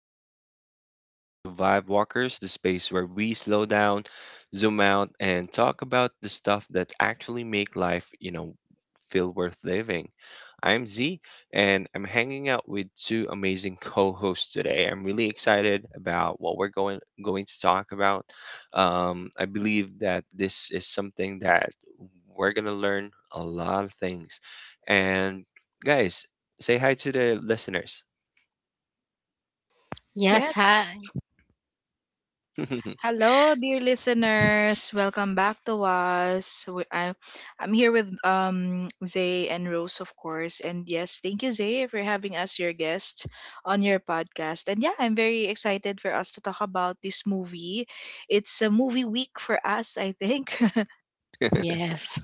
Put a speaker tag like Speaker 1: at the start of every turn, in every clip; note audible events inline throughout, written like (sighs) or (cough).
Speaker 1: out there. Welcome to Vibe Walkers, the space where we slow down, zoom out, and talk about the stuff that actually make life, you know, feel worth living. I'm Z, and I'm hanging out with two amazing co-hosts today. I'm really excited about what we're going to talk about. I believe that this is something that we're gonna learn a lot of things, and guys say hi to the listeners.
Speaker 2: Yes,
Speaker 3: Yes.
Speaker 2: hi.
Speaker 1: (laughs)
Speaker 3: Hello, dear listeners. Welcome back to us. I'm here with Zay and Rose, of course. And yes, thank you, Zay, for having us your guest on your podcast. And yeah, I'm very excited for us to talk about this movie. It's a movie week for us, I think. (laughs)
Speaker 2: Yes.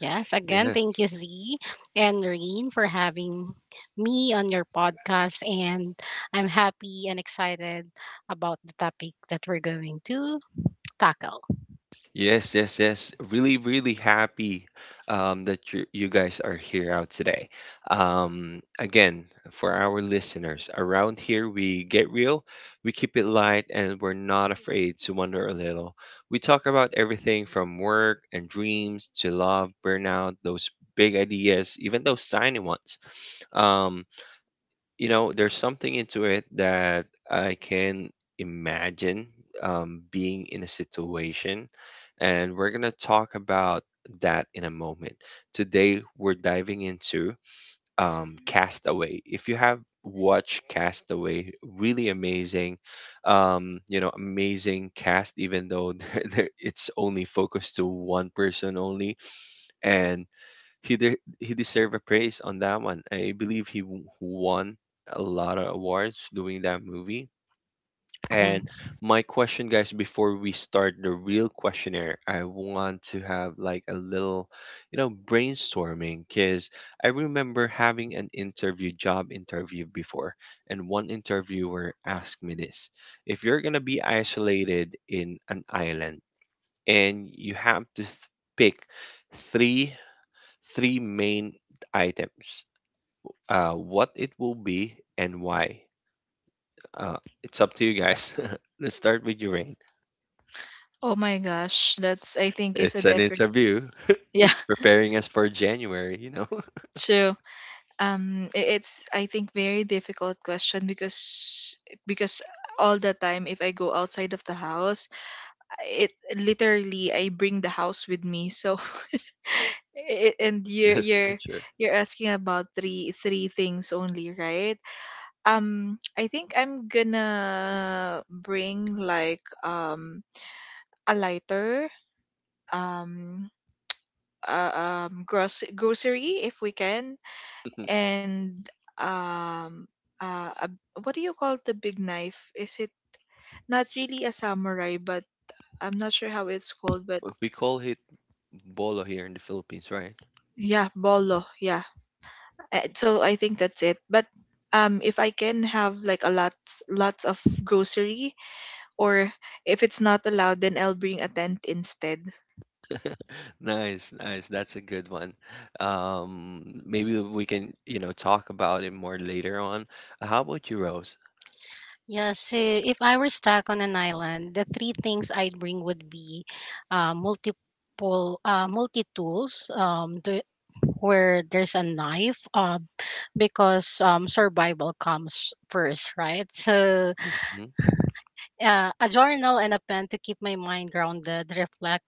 Speaker 2: Yes. Again, thank
Speaker 1: Yes.
Speaker 2: you, Z and Reen, for having me on your podcast. And I'm happy and excited about the topic that we're going to tackle.
Speaker 1: Yes, yes, yes. Really, really happy, that you guys are here out today. Again, for our listeners, around here we get real, we keep it light, and we're not afraid to wonder a little. We talk about everything from work and dreams to love, burnout, those big ideas, even those tiny ones. Um, there's something into it that I can imagine, being in a situation. And we're going to talk about that in a moment. Today, we're diving into Castaway. If you have watched Castaway, really amazing, amazing cast, even though (laughs) there it's only focused to one person only. And he deserved a praise on that one. I believe won a lot of awards doing that movie. And
Speaker 2: Mm-hmm.
Speaker 1: my question, guys, before we start the real questionnaire, I want to have like a little, you know, brainstorming because I remember having an interview, job interview before, and one interviewer asked me this: if you're gonna be isolated in an island and you have to pick three three main items, what it will be and why. Uh, it's up to you guys. (laughs) Let's start with you.
Speaker 3: Oh my gosh, that's I think is a
Speaker 1: It's an
Speaker 3: different.
Speaker 1: interview, (laughs)
Speaker 3: Yeah,
Speaker 1: it's preparing us for January, you know? (laughs)
Speaker 3: (laughs) true. It's I think very difficult question because all the time if I go outside of the house it literally I bring the house with me, so (laughs) and you're
Speaker 1: That's
Speaker 3: you're
Speaker 1: for sure.
Speaker 3: you're asking about three things only, right? I think I'm gonna bring like a lighter, um gross grocery if we can,
Speaker 1: (laughs)
Speaker 3: and um uh, a, what do you call the big knife? Is it not really a samurai, but I'm not sure how it's called, but
Speaker 1: We call it bolo here in the Philippines, right?
Speaker 3: yeah, bolo. Yeah. So I think that's it. But if I can have like a lots of grocery, or if it's not allowed, then I'll bring a tent instead.
Speaker 1: (laughs) Nice, nice. That's a good one. Maybe we can, you know, talk about it more later on. How about you, Rose?
Speaker 2: Yeah, so if I were stuck on an island, the three things I'd bring would be multiple multi tools, the, where there's a knife, because survival comes first, right? So
Speaker 1: Hmm.
Speaker 2: a journal and a pen to keep my mind grounded, reflect,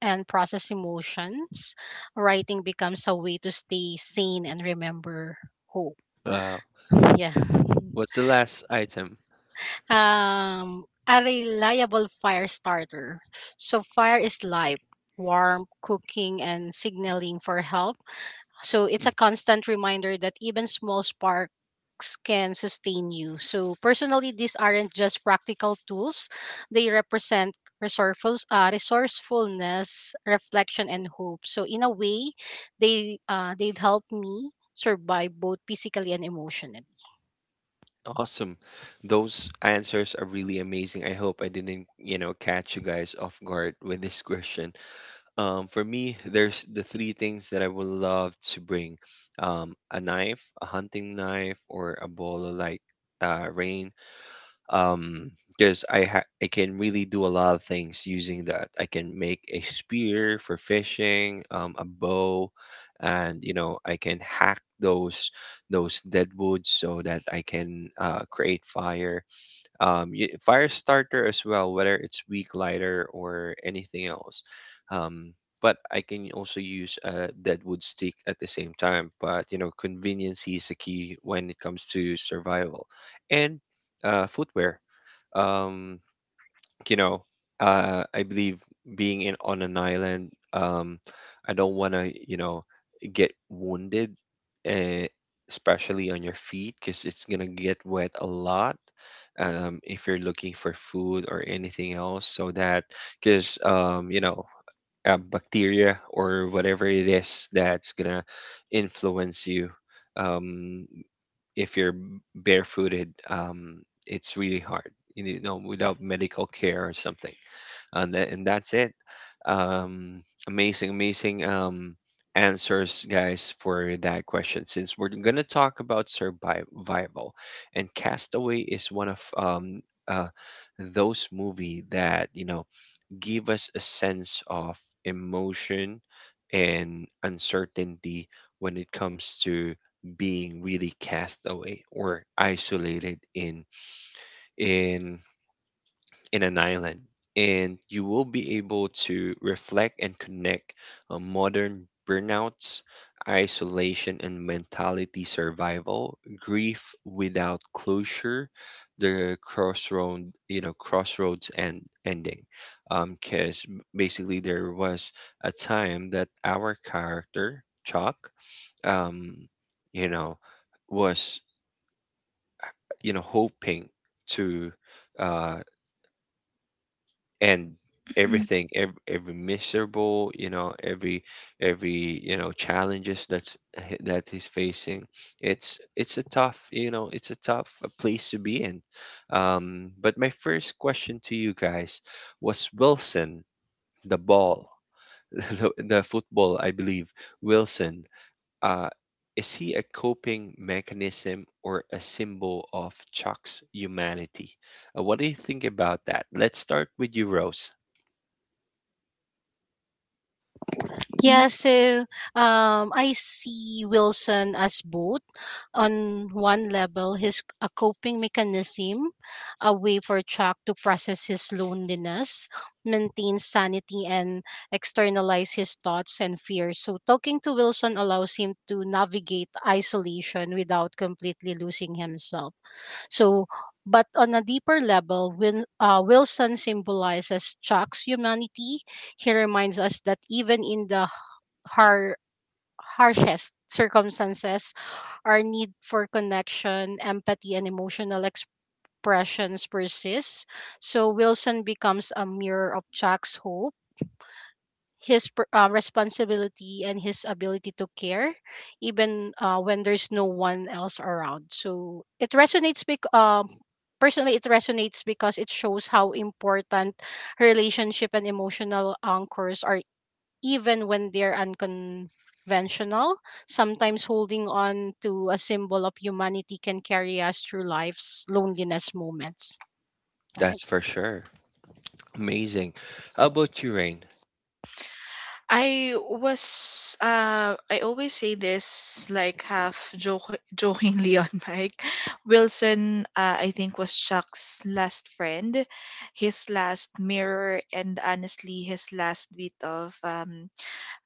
Speaker 2: and process emotions. Writing becomes a way to stay sane and remember hope.
Speaker 1: Uh,
Speaker 2: Yeah. (laughs)
Speaker 1: what's the last item?
Speaker 2: A reliable fire starter. So fire is life, warmth, cooking, and signaling for help. So it's a constant reminder that even small sparks can sustain you. So personally, these aren't just practical tools; they represent resourcefulness, reflection, and hope. So in a way, they'd help me survive both physically and emotionally.
Speaker 1: Awesome. Those answers are really amazing. I hope I didn't, you know, catch you guys off guard with this question. For me, there's the three things that I would love to bring. A knife, a hunting knife, or a ball of like, rain, um because I can really do a lot of things using that. I can make a spear for fishing, a bow, and you know I can hack those dead woods so that I can create fire. Fire starter as well, whether it's weak lighter or anything else. Um, but I can also use a dead wood stick at the same time. But you know, convenience is a key when it comes to survival, and footwear, um, you know, I believe being in on an island, I don't want to, you know, get wounded, uh, especially on your feet, because it's gonna get wet a lot. If you're looking for food or anything else, so that because, you know, a bacteria or whatever it is that's gonna influence you. Um, if you're barefooted, it's really hard, you know, without medical care or something. And, that and that's it. Um, amazing, amazing, answers, guys, for that question. Since we're going to talk about survival, and Castaway is one of, uh, those movie that, you know, give us a sense of emotion and uncertainty when it comes to being really cast away or isolated in in in an island, and you will be able to reflect and connect, modern burnouts, isolation and mentality survival, grief without closure, the crossroad, you know, crossroads and ending. Because basically, there was a time that our character, Chuck, um, you know, was, you know, hoping to, uh, and
Speaker 3: Mm.
Speaker 1: everything, every miserable, you know, every you know challenges that's that he's facing, it's a tough, you know, it's a tough, place to be in. But my first question to you guys was, Wilson, the ball, (laughs) the football I believe, Wilson, uh is he a coping mechanism or a symbol of Chuck's humanity? What do you think about that? Let's start with you, Rose.
Speaker 2: Yeah, so I see Wilson as both. On one level, his a coping mechanism, a way for Chuck to process his loneliness, maintain sanity, and externalize his thoughts and fears. So talking to Wilson allows him to navigate isolation without completely losing himself. So but on a deeper level, Wilson symbolizes Chuck's humanity. He reminds us that even in the har- harshest circumstances, our need for connection, empathy, and emotional expressions persists. So Wilson becomes a mirror of Chuck's hope, responsibility and his ability to care even when there's no one else around. So it resonates because personally it resonates because it shows how important relationship and emotional anchors are, even when they're unconventional. Sometimes holding on to a symbol of humanity can carry us through life's loneliness moments, right?
Speaker 1: That's for sure. Amazing. How about you, Rain?
Speaker 3: I was I always say this like half joke (laughs) jokingly on Mike. Wilson, I think, was Chuck's last friend, his last mirror, and honestly his last bit of um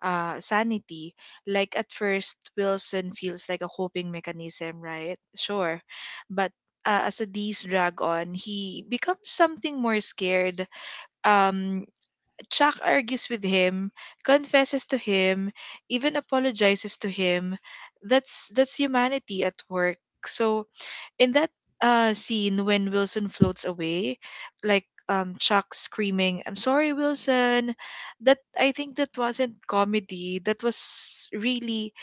Speaker 3: uh sanity. Like at first Wilson feels like a coping mechanism, right? Sure. But as the days drag on, he becomes something more scared. um Chuck argues with him, confesses to him, even apologizes to him. That's humanity at work. So in that scene when Wilson floats away, like Chuck screaming, "I'm sorry, Wilson," that I think that wasn't comedy. That was really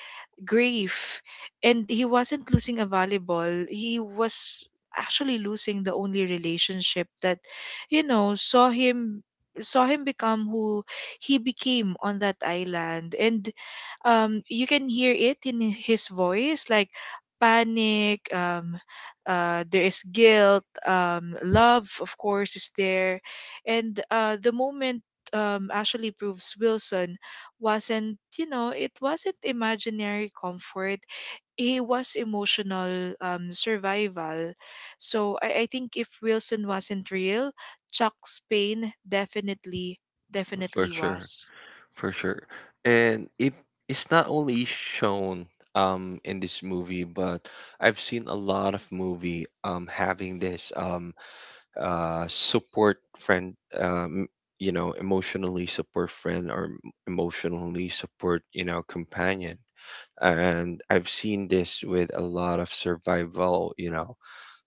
Speaker 3: grief. And he wasn't losing a volleyball. He was actually losing the only relationship that, you know, saw him become who he became on that island. And you can hear it in his voice, like panic, there is guilt, love of course is there. And the moment actually proves Wilson wasn't, you know, it wasn't imaginary comfort. He was emotional, survival. So I think if Wilson wasn't real, Chuck's pain definitely,
Speaker 1: For
Speaker 3: definitely
Speaker 1: sure,
Speaker 3: was.
Speaker 1: for sure. And it is not only shown, in this movie, but I've seen a lot of movie, having this, support friend, um you know, emotionally support friend or emotionally support, you know, companion, and I've seen this with a lot of survival, you know,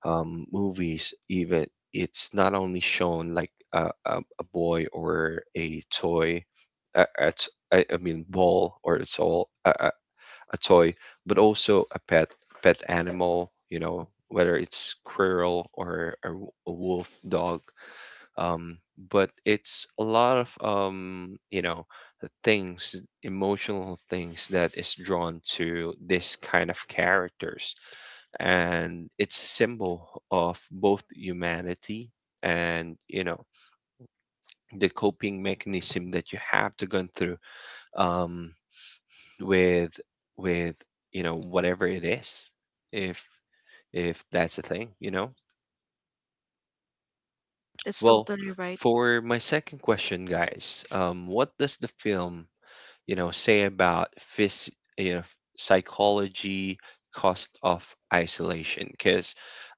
Speaker 1: movies, even it's not only shown like a boy or a toy, I mean ball or it's all a toy, but also a pet animal. You know whether it's squirrel or a wolf dog. Um, but it's a lot of, you know, things, emotional things that is drawn to this kind of characters, and it's a symbol of both humanity and, you know, the coping mechanism that you have to go through, um, with with you know whatever it is, if that's a thing, you know.
Speaker 3: That's
Speaker 1: Well,
Speaker 3: totally right.
Speaker 1: for my second question guys, what does the film, you know, say about phys- you know, psychology cost of isolation, because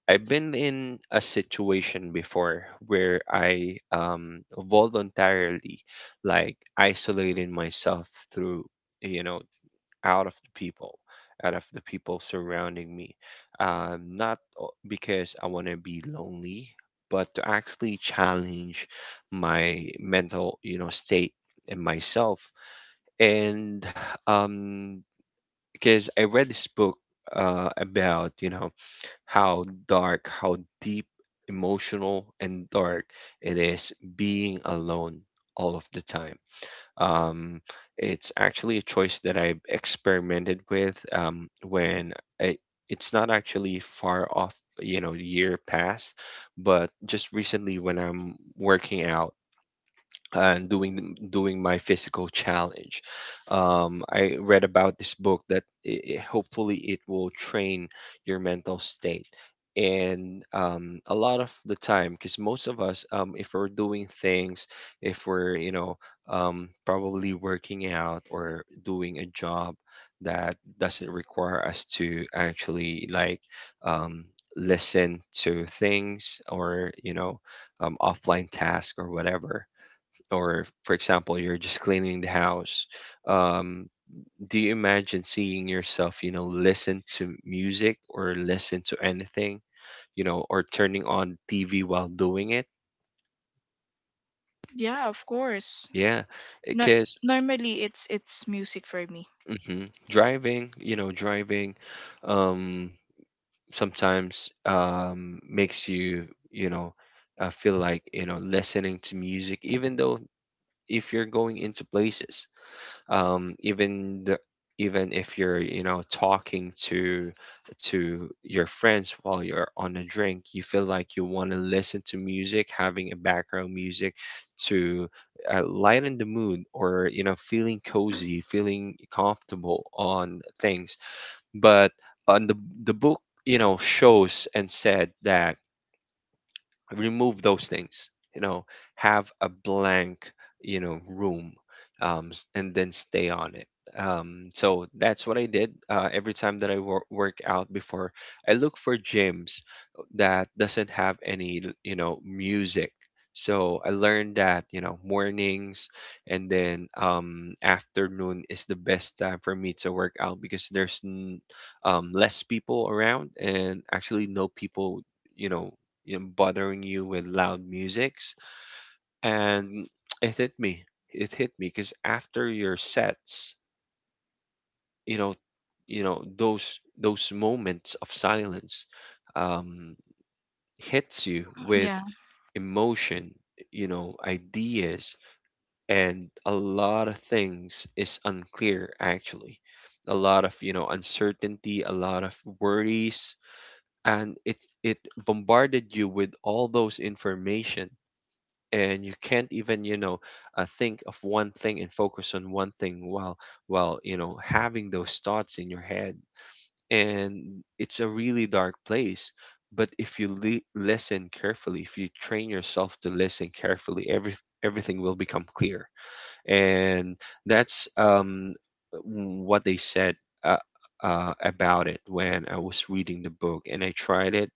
Speaker 1: I've been in a situation before where I, voluntarily like isolated myself through, you know, out of the people, surrounding me. Not because I want to be lonely, but to actually challenge my mental, you know, state and myself. And, um, because I read this book, about, you know, how dark, how deep, emotional, and dark it is being alone all of the time. Um, it's actually a choice that I experimented with, when I, it's not actually far off, you know, year past, but just recently when I'm working out and doing my physical challenge. I read about this book that hopefully it will train your mental state. And, a lot of the time, because most of us, if we're doing things, if we're you know, probably working out or doing a job that doesn't require us to actually like, um, listen to things or you know, offline task or whatever, or for example you're just cleaning the house, um do you imagine seeing yourself, you know, listen to music or listen to anything, you know, or turning on TV while doing it?
Speaker 3: Yeah, of course.
Speaker 1: Yeah,
Speaker 3: No,
Speaker 1: because
Speaker 3: normally it's music for me.
Speaker 1: mhm, driving, you know, driving, um sometimes makes you, you know, feel like you know listening to music even though if you're going into places, um, even the, even if you're you know talking to your friends while you're on a drink, you feel like you want to listen to music, having a background music to lighten the mood, or you know feeling cozy, feeling comfortable on things. But on the book, you know, shows and said that remove those things, you know, have a blank, you know, room, and then stay on it. So that's what I did, every time that I work out before. I look for gyms that doesn't have any you know music. So I learned that you know mornings, and then, afternoon is the best time for me to work out because there's less people around, and actually no people, you know, bothering you with loud musics. And it hit me. It hit me because after your sets, you know, you know those moments of silence, um, hits you with
Speaker 3: Yeah.
Speaker 1: emotion, you know, ideas, and a lot of things is unclear actually. A lot of you know uncertainty, a lot of worries, and it bombarded you with all those information, and you can't even, you know, think of one thing and focus on one thing while you know having those thoughts in your head. And it's a really dark place, but if listen carefully, if you train yourself to listen carefully, everything will become clear. And that's, what they said, uh, about it when I was reading the book, and I tried it.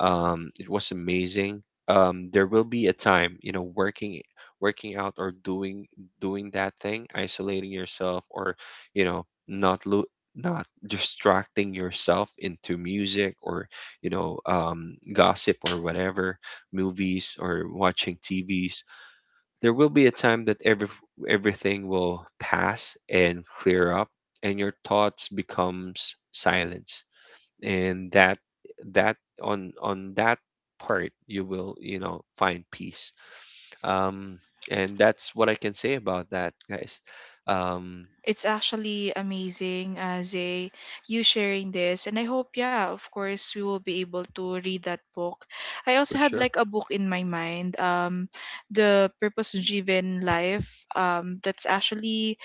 Speaker 1: It was amazing. There will be a time, you know, working out or doing that thing, isolating yourself, or you know, not distracting yourself into music, or you know, gossip or whatever, movies or watching TVs, there will be a time that everything will pass and clear up, and your thoughts becomes silence. And that on that part you will, you know, find peace. Um and that's what I can say about that, guys. Um
Speaker 3: It's actually amazing as a you sharing this, and I hope yeah of course we will be able to read that book. I also
Speaker 1: for
Speaker 3: had
Speaker 1: sure.
Speaker 3: like a book in my mind, The Purpose Driven Life. That's actually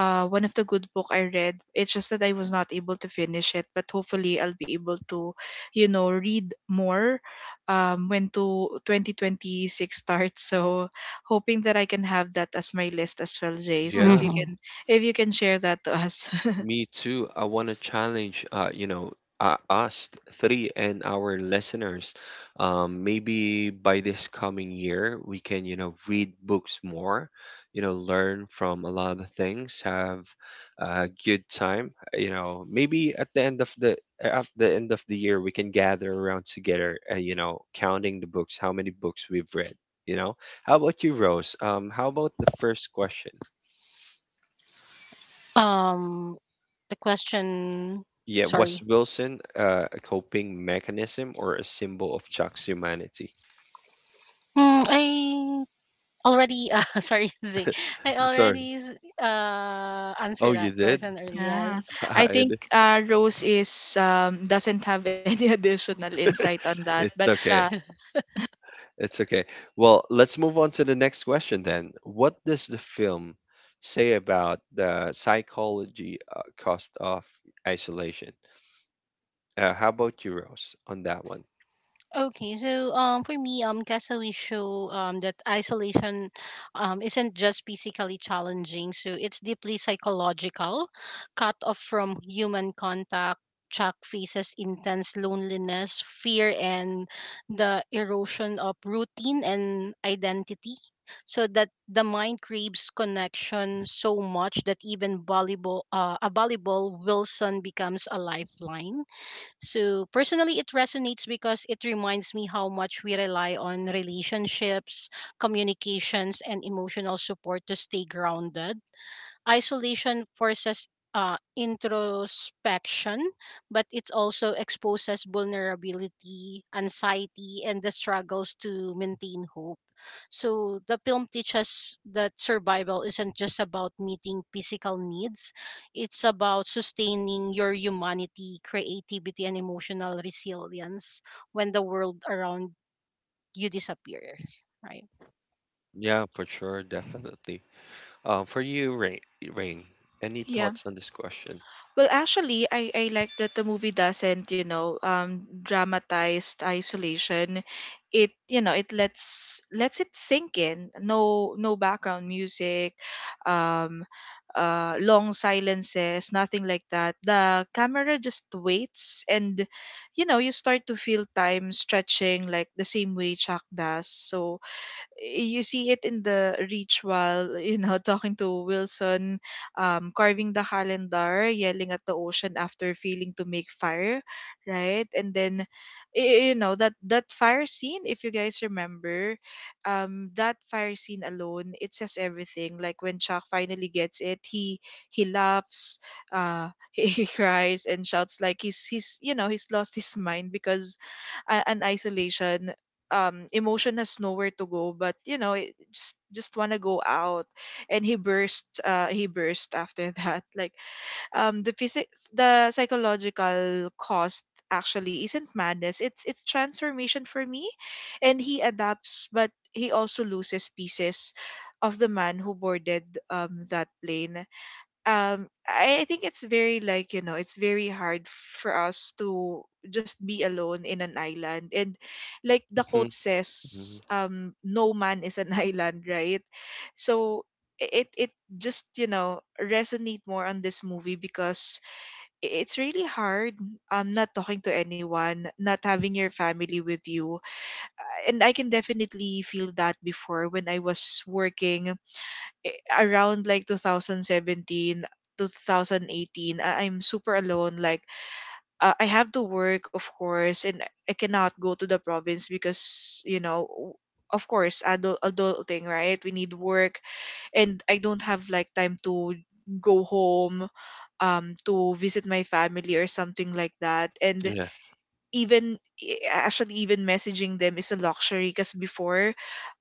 Speaker 3: one of the good book I read. It's just that I was not able to finish it, but hopefully I'll be able to, you know, read more when to 2026 starts. So hoping that I can have that as my list as well, Jay. So
Speaker 1: Yeah.
Speaker 2: Mhm.
Speaker 3: if you can share that to us. (laughs)
Speaker 1: Me too. I want to challenge, you know, us three and our listeners. Maybe by this coming year, we can, read books more, learn from a lot of things, have a good time. You know, maybe at the end of the at the end of the year, we can gather around together, you know, counting the books, how many books we've read. You know, how about you, Rose? How about the first question?
Speaker 2: Um, the question.
Speaker 1: Yeah, was
Speaker 2: Sorry.
Speaker 1: Wilson a coping mechanism or a symbol of Chuck's humanity?
Speaker 2: Hmm, I already. (laughs) Sorry, (laughs) Z. I
Speaker 1: (laughs) Sorry.
Speaker 2: already answered
Speaker 1: Oh, you
Speaker 2: that
Speaker 1: did?
Speaker 2: question earlier.
Speaker 3: Yeah,
Speaker 2: Yes.
Speaker 1: (laughs)
Speaker 3: I
Speaker 1: I
Speaker 3: think
Speaker 1: did.
Speaker 3: Rose is doesn't have any (laughs) additional insight on that, but
Speaker 1: It's okay. It's okay. Well, let's move on to the next question then. What does the film say about the psychology cost of isolation? How about you, Rose, on that one?
Speaker 2: Okay, so for me, Castaway show that isolation isn't just physically challenging, so it's deeply psychological, cut off from human contact. Chuck faces intense loneliness, fear, and the erosion of routine and identity. So that the mind craves connection so much that even volleyball, a volleyball Wilson becomes a lifeline. So personally, it resonates because it reminds me how much we rely on relationships, communications, and emotional support to stay grounded. Isolation forces introspection, but it also exposes vulnerability, anxiety, and the struggles to maintain hope. So the film teaches that survival isn't just about meeting physical needs, it's about sustaining your humanity, creativity, and emotional resilience when the world around you disappears. Right.
Speaker 1: Yeah, for sure, definitely. For you, Rain, any
Speaker 3: yeah.
Speaker 1: thoughts on this question?
Speaker 3: Well, actually, I like that the movie doesn't, you know, dramatize isolation. It, you know, it lets it sink in. No, no background music, um, long silences, nothing like that. The camera just waits, and you know, you start to feel time stretching like the same way Chuck does. So, you see it in the ritual, you know, (laughs) talking to Wilson, carving the calendar, yelling at the ocean after failing to make fire, right? And then, you know, that fire scene, if you guys remember, that fire scene alone, it says everything. Like when Chuck finally gets it, he laughs, (laughs) he cries and shouts like he's you know he's lost his mind, because an isolation emotion has nowhere to go, but you know just want to go out. And he burst, he burst after that (laughs) like um the physic the psychological cost actually isn't madness, it's transformation for me. And he adapts, but he also loses pieces of the man who boarded that plane. I think it's very like, you know, it's very hard for us to just be alone in an island. And like the
Speaker 1: hmm
Speaker 3: quote says,
Speaker 1: hmm
Speaker 3: no man is an (laughs) island, right? So it just, you know, resonate more on this movie, because it's really hard, not talking to anyone, not having your family with you. And I can definitely feel that before when I was working, around like 2017, 2018, I'm super alone. Like I have to work, of course, and I cannot go to the province, because you know of course, adult adulting, right, we need work. And I don't have like time to go home to visit my family or something like that. And
Speaker 1: Yeah,
Speaker 3: even actually even messaging them is a luxury, because before,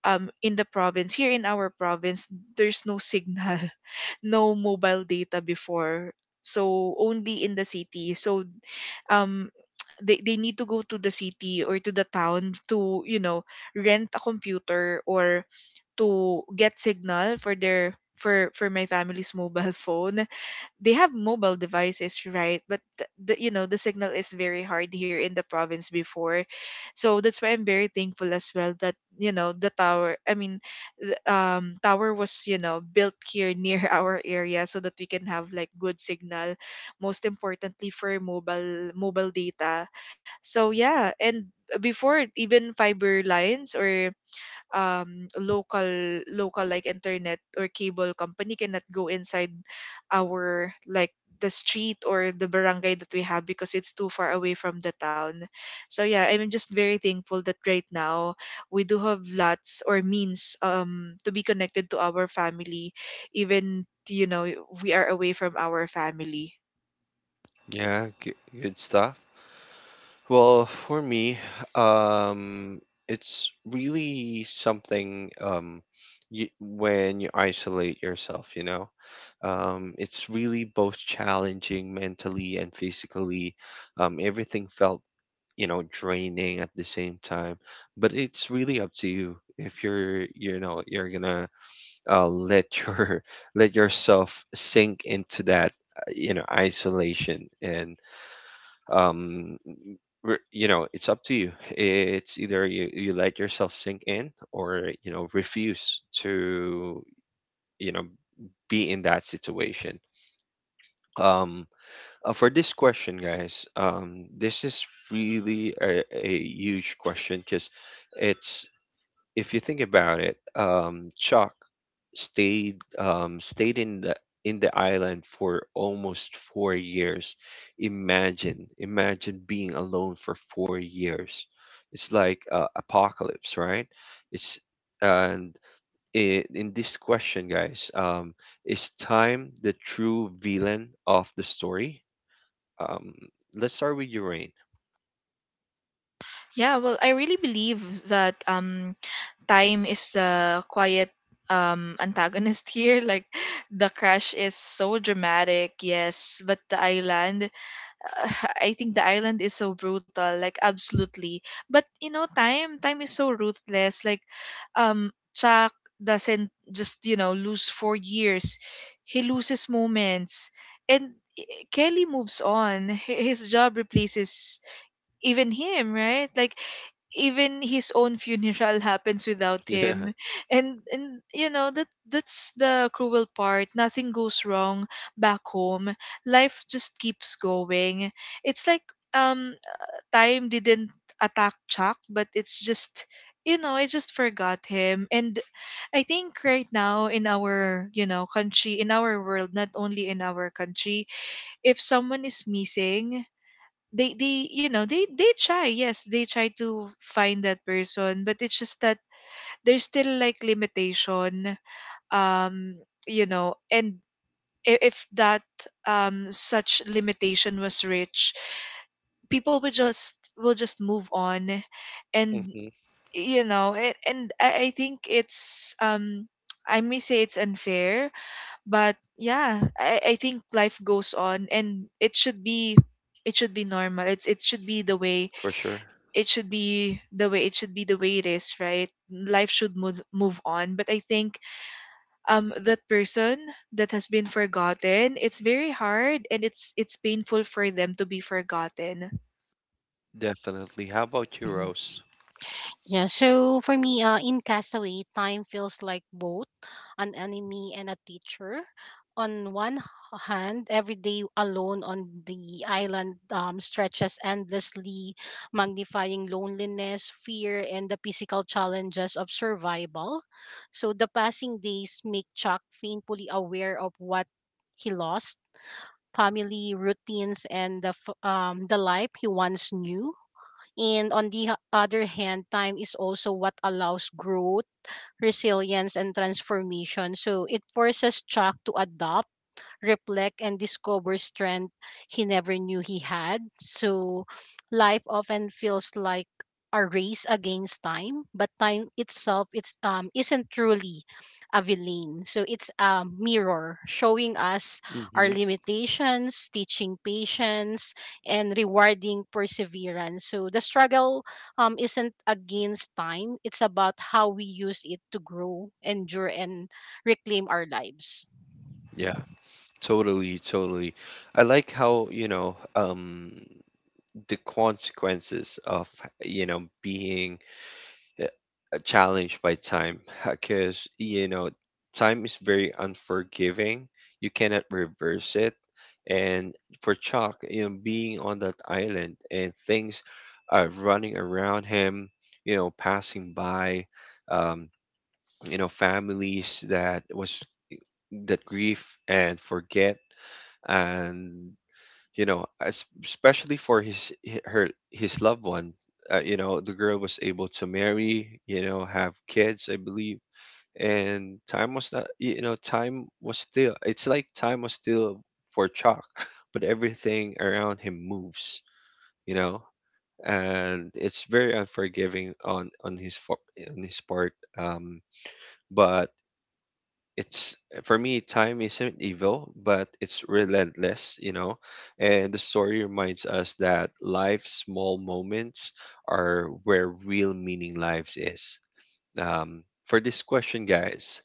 Speaker 3: in the province, here in our province, there's no signal. (laughs) No mobile data before, so only in the city. So um (tsk) they need to go to the city or to the town to, you know, rent a computer or to get signal for their, for my family's (laughs) mobile phone. They have mobile devices, right? But you know, the signal is very hard here in the province before. So that's why I'm very thankful as well that, you know, the tower, I mean, the, tower was, you know, built here near (laughs) our area so that we can have like good signal, most importantly for mobile data. So yeah. And before, even fiber lines or local, local like internet or cable company cannot go inside our like the street or the barangay that we have, because it's too far away from the town. So yeah, I'm just very thankful that right now we do have lots or means to be connected to our family, even you know we are away from our family.
Speaker 1: yeah, good, stuff. Well, for me, um, it's really something, you, when you isolate yourself, you know, it's really both challenging mentally and physically. Everything felt, you know, draining at the same time, but it's really up to you if you're, you know, you're gonna let your (laughs) let yourself sink into that you know, isolation. And um you know, it's up to you. It's either you, you let yourself sink in or you know refuse to, you know, be in that situation. um for this question, guys, this is really a huge question because it's, if you think about it, Chuck stayed in the island for almost 4 years. Imagine, imagine being alone for 4 years. It's like apocalypse, right? It's, and I in this question, guys, is time the true villain of the story? Um, let's start with Urain. (laughs)
Speaker 3: Yeah, well, I really believe that time is the quiet antagonist (laughs) here. Like the crash is so dramatic, yes, but the island (sighs) uh, (laughs) I think the island is so brutal, like absolutely. But you know, time is so ruthless. Like Chuck doesn't just, you know, lose 4 years, he loses moments. And i- Kelly moves on. His job replaces even him, right? Like even his own funeral (laughs) happens without
Speaker 1: Yeah.
Speaker 3: him. And you know, that's the cruel part, nothing goes wrong back home, life just keeps going. It's like um time didn't attack Chuck, but it's just, you know, I just forgot him. And I think right now in our, you know, country, in our world, not only in our country, if someone is missing, they, you know, they try, yes, they try to find that person, but it's just that there's still like limitation, um you know. And if that such limitation was rich, people would just, will just move on. And
Speaker 1: Mm-hmm.
Speaker 3: you know. And, I think it's I may say it's unfair, but yeah, I think life goes on and it should be, it should be normal. It's it should be the way
Speaker 1: For sure.
Speaker 3: it should be the way it should be the way it is, right? Life should move on. But I think that person that has been forgotten, it's very hard, and it's painful for them to be forgotten.
Speaker 1: Definitely. How about you, Rose?
Speaker 2: Yeah, so for me, in Castaway, time feels like both an enemy and a teacher. On one hand, every day alone on the island stretches endlessly, magnifying loneliness, fear, and the physical challenges of survival. So the passing days make Chuck painfully aware of what he lost, family routines and the life he once knew. And on the other hand, time is also what allows growth, resilience, and transformation. So it forces Chuck to adapt, reflect, and discover strength he never knew he had. So life often feels like a race against time, but time itself, it's isn't truly a villain. So it's a mirror showing us our
Speaker 1: Mm-hmm.
Speaker 2: limitations, teaching patience, and rewarding perseverance. So the struggle isn't against time. It's about how we use it to grow, endure, and reclaim our lives.
Speaker 1: Yeah, totally, totally. I like how, you know, the consequences of, you know, being uh, challenged by time, (laughs) because, you know, time is very unforgiving. You cannot reverse it. And for Chuck, you know, being on that island and things are running around him, you know, passing by, um, you know, families that was that grieve and forget, and you know, especially for his hi- her his loved one. Uh, you know, the girl was able to marry, you know, have kids, I believe. And time was not, you know, time was still, it's like time was still for Chalk, (laughs) but everything around him moves, you know, and it's very unforgiving on his on his part. Um, but it's, for me, time isn't evil, but it's relentless, you know, and the story reminds us that life's small moments are where real meaning lives is. Um, for this question, guys,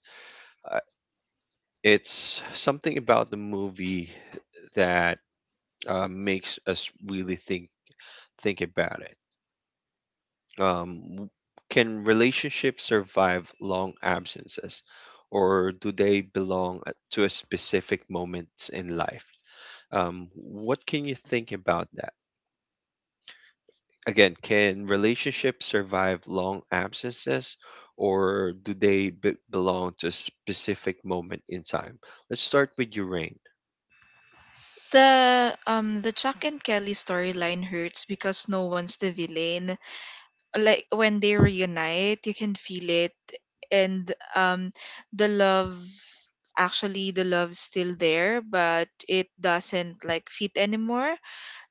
Speaker 1: uh, it's something about the movie that makes us really think about it. Um, w- can relationships survive long absences, or do they to a specific moments in life? What can you think about that? Again, can relationships survive long absences, or do they belong to a specific moment in time? Let's start with your rain.
Speaker 3: The Chuck and Kelly storyline hurts because no one's the villain. Like when they reunite, you can feel it. And the love, actually the love's still there, but it doesn't like fit anymore.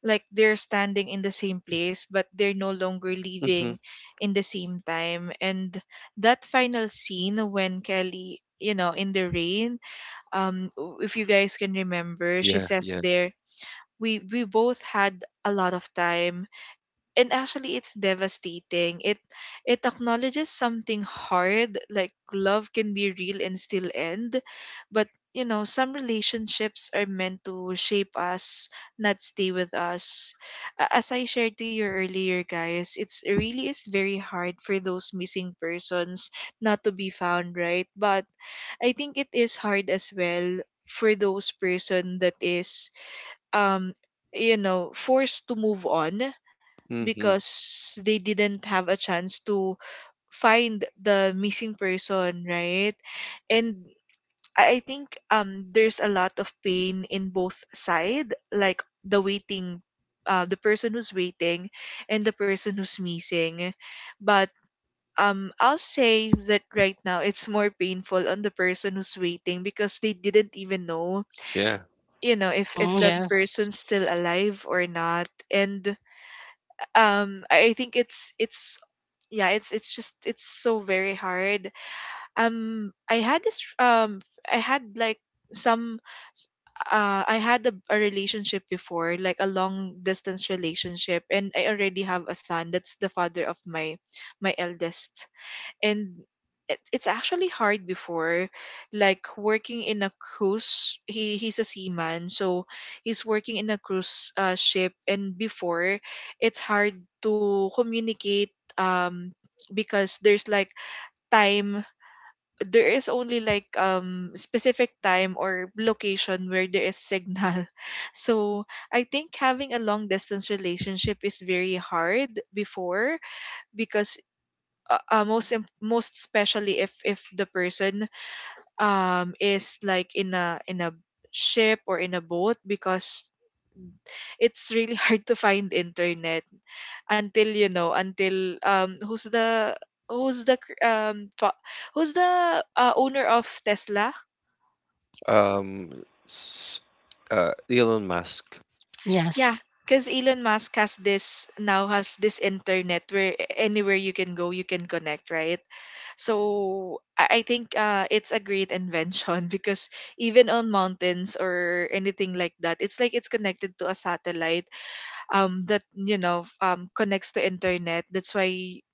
Speaker 3: Like they're standing in the same place, but they're no longer
Speaker 1: Mm-hmm.
Speaker 3: leaving in the same time. And that final scene when Kelly, you know, in the rain, um if you guys can remember, she
Speaker 1: Yeah,
Speaker 3: says
Speaker 1: yeah.
Speaker 3: there, we both had a lot of time. And actually it's devastating. It acknowledges something hard, like love can be real and still end. But you know, some relationships are meant to shape us, not stay with us. As I shared to you earlier guys, it's it really is very hard for those missing persons not to be found, right? But I think it is hard as well for those person that is um you know, forced to move on,
Speaker 1: Mm-hmm.
Speaker 3: because they didn't have a chance to find the missing person, right? And I think there's a lot of pain in both side, like the waiting, the person who's waiting, and the person who's missing. But I'll say that right now it's more painful on the person who's waiting because they didn't even know,
Speaker 1: Yeah.
Speaker 3: if
Speaker 2: Mhm,
Speaker 3: that
Speaker 2: yes.
Speaker 3: person's still alive or not. And I think it's yeah, it's so very hard. I had this I had like some s- I had a relationship before, like a long distance relationship, and I already have a son that's the father of my eldest. And it's actually hard before, like working in a cruise. He's a seaman, so he's working in a cruise ship. And before, it's hard to communicate. um because there's like time, there is only like specific time or location where there is signal (laughs) so I think having a long distance relationship is very hard before, because most especially if the person is like in a ship or in a boat, because it's really (laughs) hard to find internet until um who's the who's the cr- fa- who's the owner of Tesla.
Speaker 1: Um, s- Elon Musk.
Speaker 3: Yeah,
Speaker 2: Yes.
Speaker 3: because Elon Musk has this, now has this internet where anywhere you can go, you can connect, right? So I think it's a great invention (laughs) because even on mountains or anything like that, it's like it's connected to a satellite that connects to internet. That's why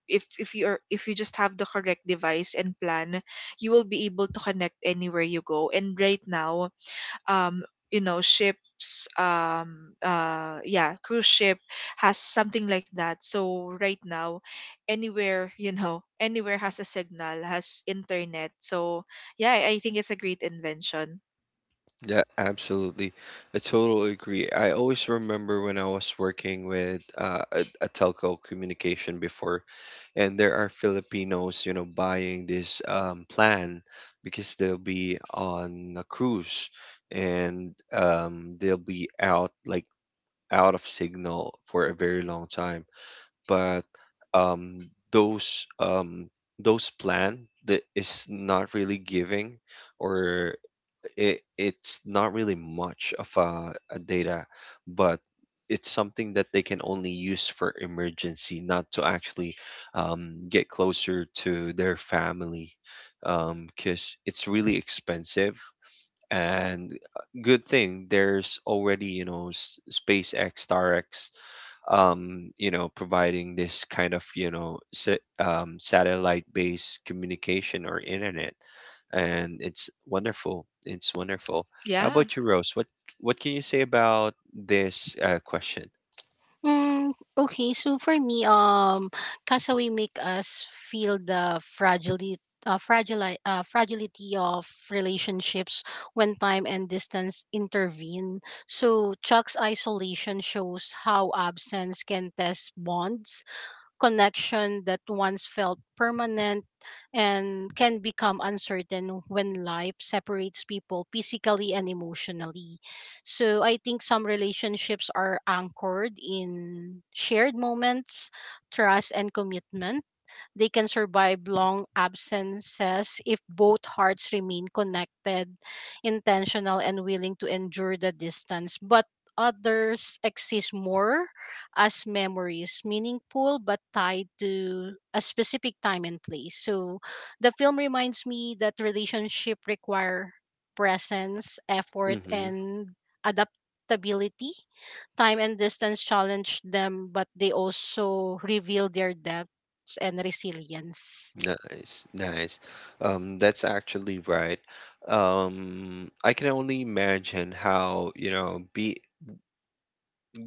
Speaker 3: if you are if you just have the correct device and plan, you will be able to connect anywhere you go. And right now, um, ships yeah, cruise ship has something like that, so right now anywhere (laughs) anywhere has a signal, has internet. So yeah, I think it's a great invention.
Speaker 1: Yeah, absolutely. I totally agree. I always remember when I was working with a telco communication before, and there are Filipinos, you know, buying this plan because they'll be on a cruise, and they'll be out like out of signal for a very long time. But um, those um, those plan that is not really giving or it, it's not really much of a data, but it's something that they can only use for emergency, not to actually get closer to their family, because it's really expensive. And good thing there's already you know SpaceX, StarX, you know, providing this kind of you know satellite-based communication or internet, and it's wonderful. It's wonderful. How
Speaker 3: Yeah.
Speaker 1: about you, Rose? What can you say about this question?
Speaker 2: Mm, okay, so for me, Castaway make us feel the fragility, fragility of relationships when time and distance intervene. So Chuck's isolation shows how absence can test bonds, connection that once felt permanent and can become uncertain when life separates people physically and emotionally. So I think some relationships are anchored in shared moments, trust, and commitment. They can survive long absences if both hearts remain connected, intentional, and willing to endure the distance. But others exist more as memories, meaningful but tied to a specific time and place. So the film reminds me that relationship require presence, effort,
Speaker 1: Mm-hmm.
Speaker 2: and adaptability. Time and distance challenge them, but they also reveal their depth and resilience.
Speaker 1: Nice, nice. That's actually right. I can only imagine how, you know, be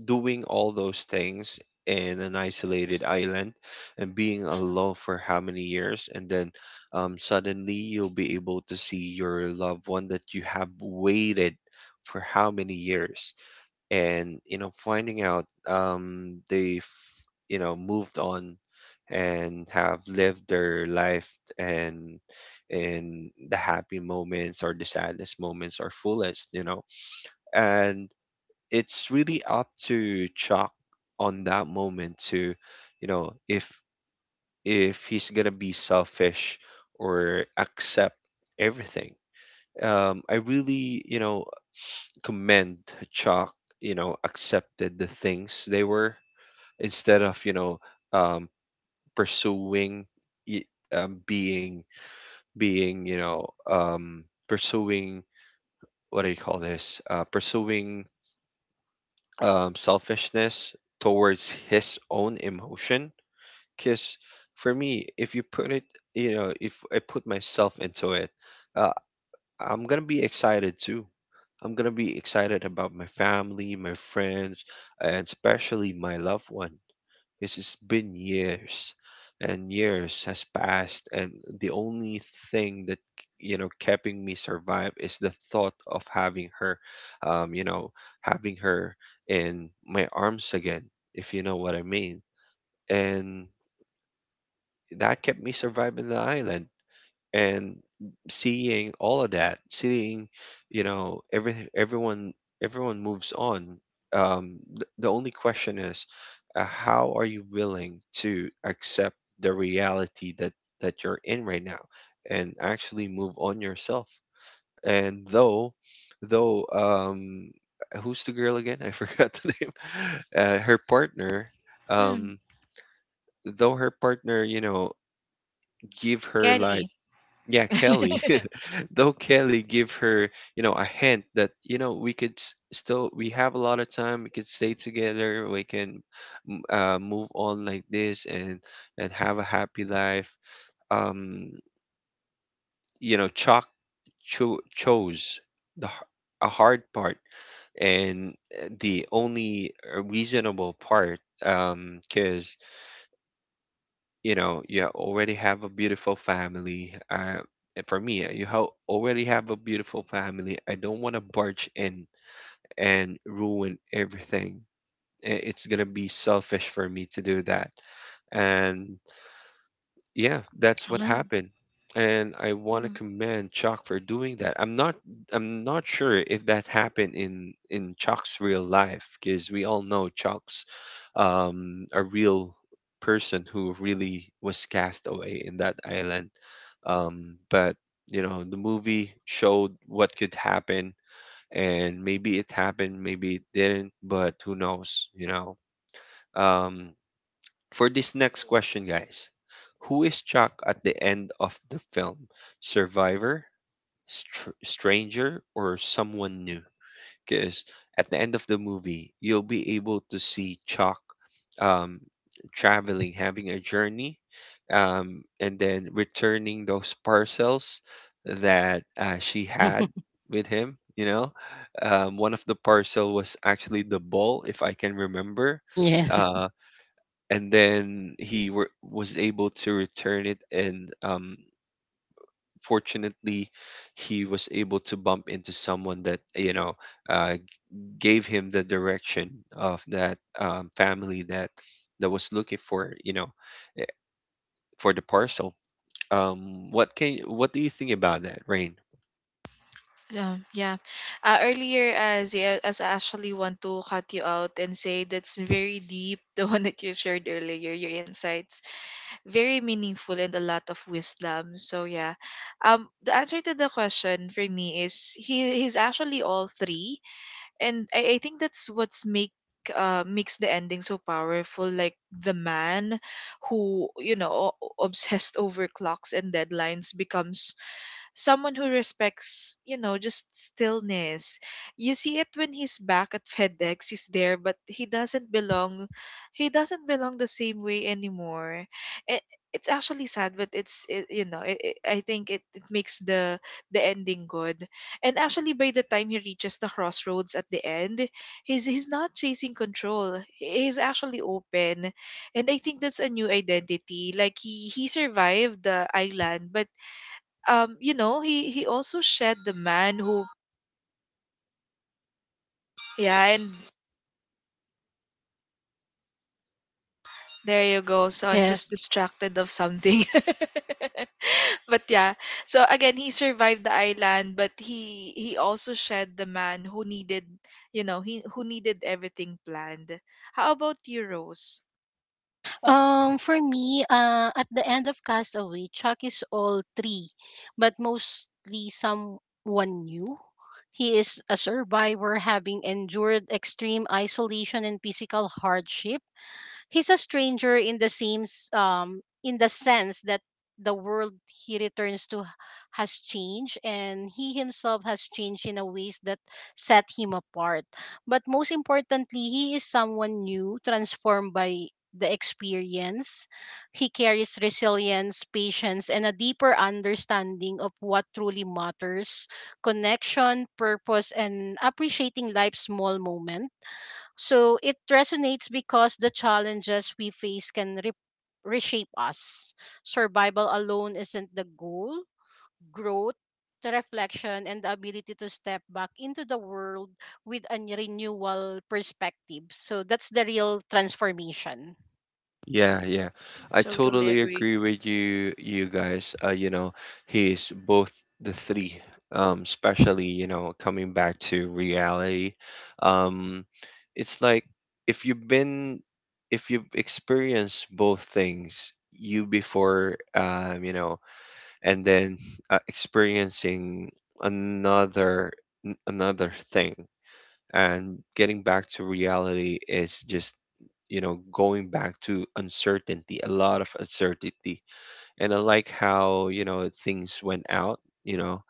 Speaker 1: doing all those things in an isolated island and being alone for how many years, and then suddenly you'll be able to see your loved one that you have waited for how many years. And you know, finding out um, they've, you know, moved on and have lived their life, and in the happy moments or the saddest moments or fullest, you know, and it's really up to Chuck on that moment to, you know, if he's gonna be selfish or accept everything. Um, I really, you know, commend Chuck, you know, accepted the things they were instead of, you know, um, pursuing y- um, being you know, pursuing, what do you call this? Pursuing selfishness towards his own emotion. Because for me, if you put it, you know, if I put myself into it, uh, I'm gonna be excited too. I'm gonna be excited about my family, my friends, and especially my loved one. This has been years, and years has passed, and the only thing that you know keeping me survive is the thought of having her, you know, having her in my arms again, if you know what I mean. And that kept me surviving the island, and seeing all of that, seeing, you know, everyone moves on. The only question is, how are you willing to accept the reality that you're in right now, and actually move on yourself? And though, who's the girl again? (laughs) I forgot the name. (laughs) Her partner,
Speaker 3: Mm.
Speaker 1: um, though her partner, you know, give her like,
Speaker 3: Kelly.
Speaker 1: yeah, Kelly, though Kelly give her, you know, a hint that, you know, we could still, we have a lot of time, we could stay together, we can move on like this and have a happy life. Um, you know, Chuck chose the h- a hard part, and the only reasonable part. Cause you know, you already have a beautiful family. And for me, you ha already have a beautiful family. I don't want to barge in and ruin everything. I- It's gonna be selfish for me to do that. And yeah, that's what
Speaker 3: Yeah.
Speaker 1: happened. And I want to
Speaker 3: Mm.
Speaker 1: commend Chuck for doing that. I'm not, I'm not sure if that happened in Chuck's real life because we all know Chuck's um, a real person who really was cast away in that island. Um, but you know, the movie showed what could happen, and maybe it happened, maybe it didn't, but who knows, you know? Um, for this next question, guys, who is Chuck at the end of the film? Survivor, stranger, or someone new? Because at the end of the movie, you'll be able to see Chuck um, traveling, having a journey, and then returning those parcels that she had
Speaker 2: (laughs)
Speaker 1: with him. You know, one of the parcel was actually the ball, if I can remember,
Speaker 2: Yes.
Speaker 1: uh, and then was able to return it, and fortunately, he was able to bump into someone that you know. Uh, gave him the direction of that family that was looking for, you know, eh, for the parcel. What do you think about that, Rain?
Speaker 3: Yeah, yeah. Earlier, as I actually want to cut you out and say that's very deep, (laughs) the one that you shared earlier, your insights. Very meaningful and a lot of wisdom. So yeah, the answer to the question for me is he's actually all three, and I think that's what's make makes the ending so powerful. Like the man who obsessed over clocks and deadlines becomes someone who respects, just stillness. You see it when he's back at FedEx, he's there, but he doesn't belong. He doesn't belong the same way anymore. It, it's actually sad, but it's it, you know, it, I think it makes the ending good. And actually, by the time he reaches the crossroads at the end, he's not chasing control. He's actually open, and I think that's a new identity. Like he survived the island, but he also shed the man who... yeah. And there you go, so I'm just
Speaker 2: Yes.
Speaker 3: distracted of something (laughs) but yeah, so again, he survived the island, but he also shed the man who needed you know he who needed everything planned. How about you, Rose?
Speaker 2: For me, at the end of Castaway, Chuck is all three, but mostly someone new. He is a survivor, having endured extreme isolation and physical hardship. He's a stranger in the same in the sense that the world he returns to has changed, and he himself has changed in a ways that set him apart. But most importantly, he is someone new, transformed by the experience. He carries resilience, patience, and a deeper understanding of what truly matters: connection, purpose, and appreciating life's small moments. So it resonates because the challenges we face can reshape us. Survival alone isn't the goal; growth, the reflection, and the ability to step back into the world with a renewal perspective. So that's the real transformation.
Speaker 1: Yeah, yeah. I
Speaker 3: Totally
Speaker 1: totally
Speaker 3: agree.
Speaker 1: agree with you guys. You know, he's both the three. Especially, you know, coming back to reality. Um, it's like if you've been, if you've experienced both things, you before you know, and then experiencing another, another thing, and getting back to reality is just, you know, going back to uncertainty, a lot of uncertainty. And I like how, you know, things went out, you know,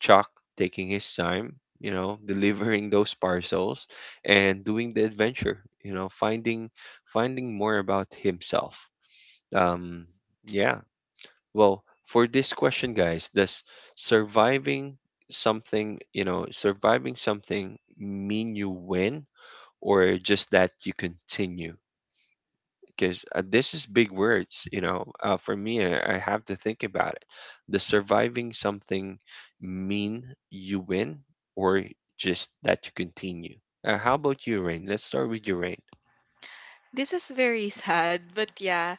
Speaker 1: Chuck taking his time, you know, (laughs) delivering those parcels and doing the adventure, you know, finding more about himself. Um, yeah. Well, for this question, guys, does surviving something, you know, surviving something mean you win, or just that you continue? Because this is big words, you know. For me, I have to think about it. Does surviving something mean you win, or just that you continue? How about you, Rain? Let's start with you, Rain.
Speaker 3: This is very (laughs) sad, but yeah,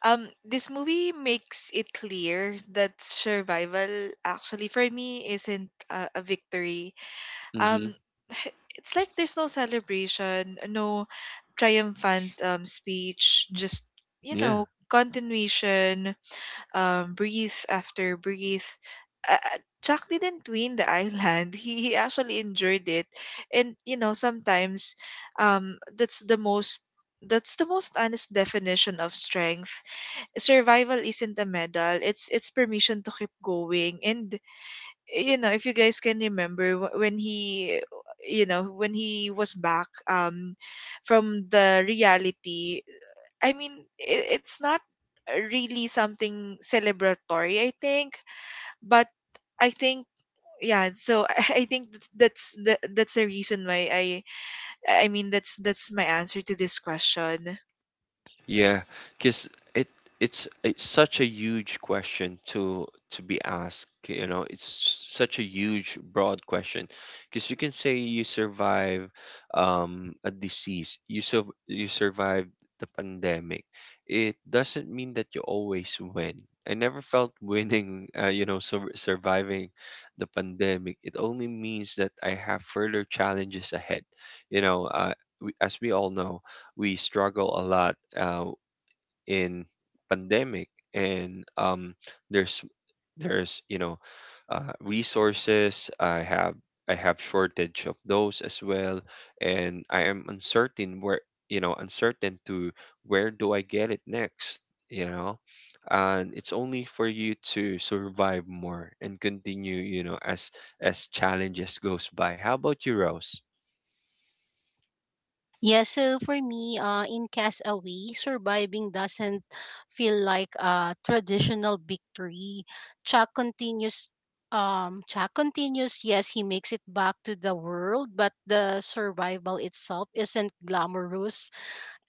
Speaker 3: this movie makes it clear that survival, actually for me, isn't a victory.
Speaker 1: Mm-hmm.
Speaker 3: um (sighs) it's like there's no celebration, no triumphant speech, just
Speaker 1: Yeah.
Speaker 3: continuation. Breathe after breathe. uh, uh, Jack didn't win the island. (laughs) He actually enjoyed it, and sometimes, um, that's the most that's the most honest definition of strength. Survival isn't a medal. It's permission to keep going, and if you guys can remember when he was back from the reality, I mean, it's not really something celebratory, I think, but I think yeah. So (laughs) I think that's the reason why I mean that's my answer to this question.
Speaker 1: Yeah, because it it's such a huge question to be asked. You know, it's such a huge, broad question. Because you can say you survive a disease, you sur you survive the pandemic. It doesn't mean that you always win. I never felt (laughs) winning, you know, surviving the pandemic. It only means that I have further challenges ahead. You know, we, as we all know we struggle a lot in pandemic and there's there's resources I have shortage of those as well, and I am uncertain where, you know, uncertain to where do I get it next, you know. And it's only for you to survive more and continue, you know, as challenges goes by. How about you, Rose?
Speaker 2: Yeah, so for me, in Castaway, surviving doesn't feel like a traditional victory. Chuck continues. Yes, he makes it back to the world, but the survival itself isn't glamorous.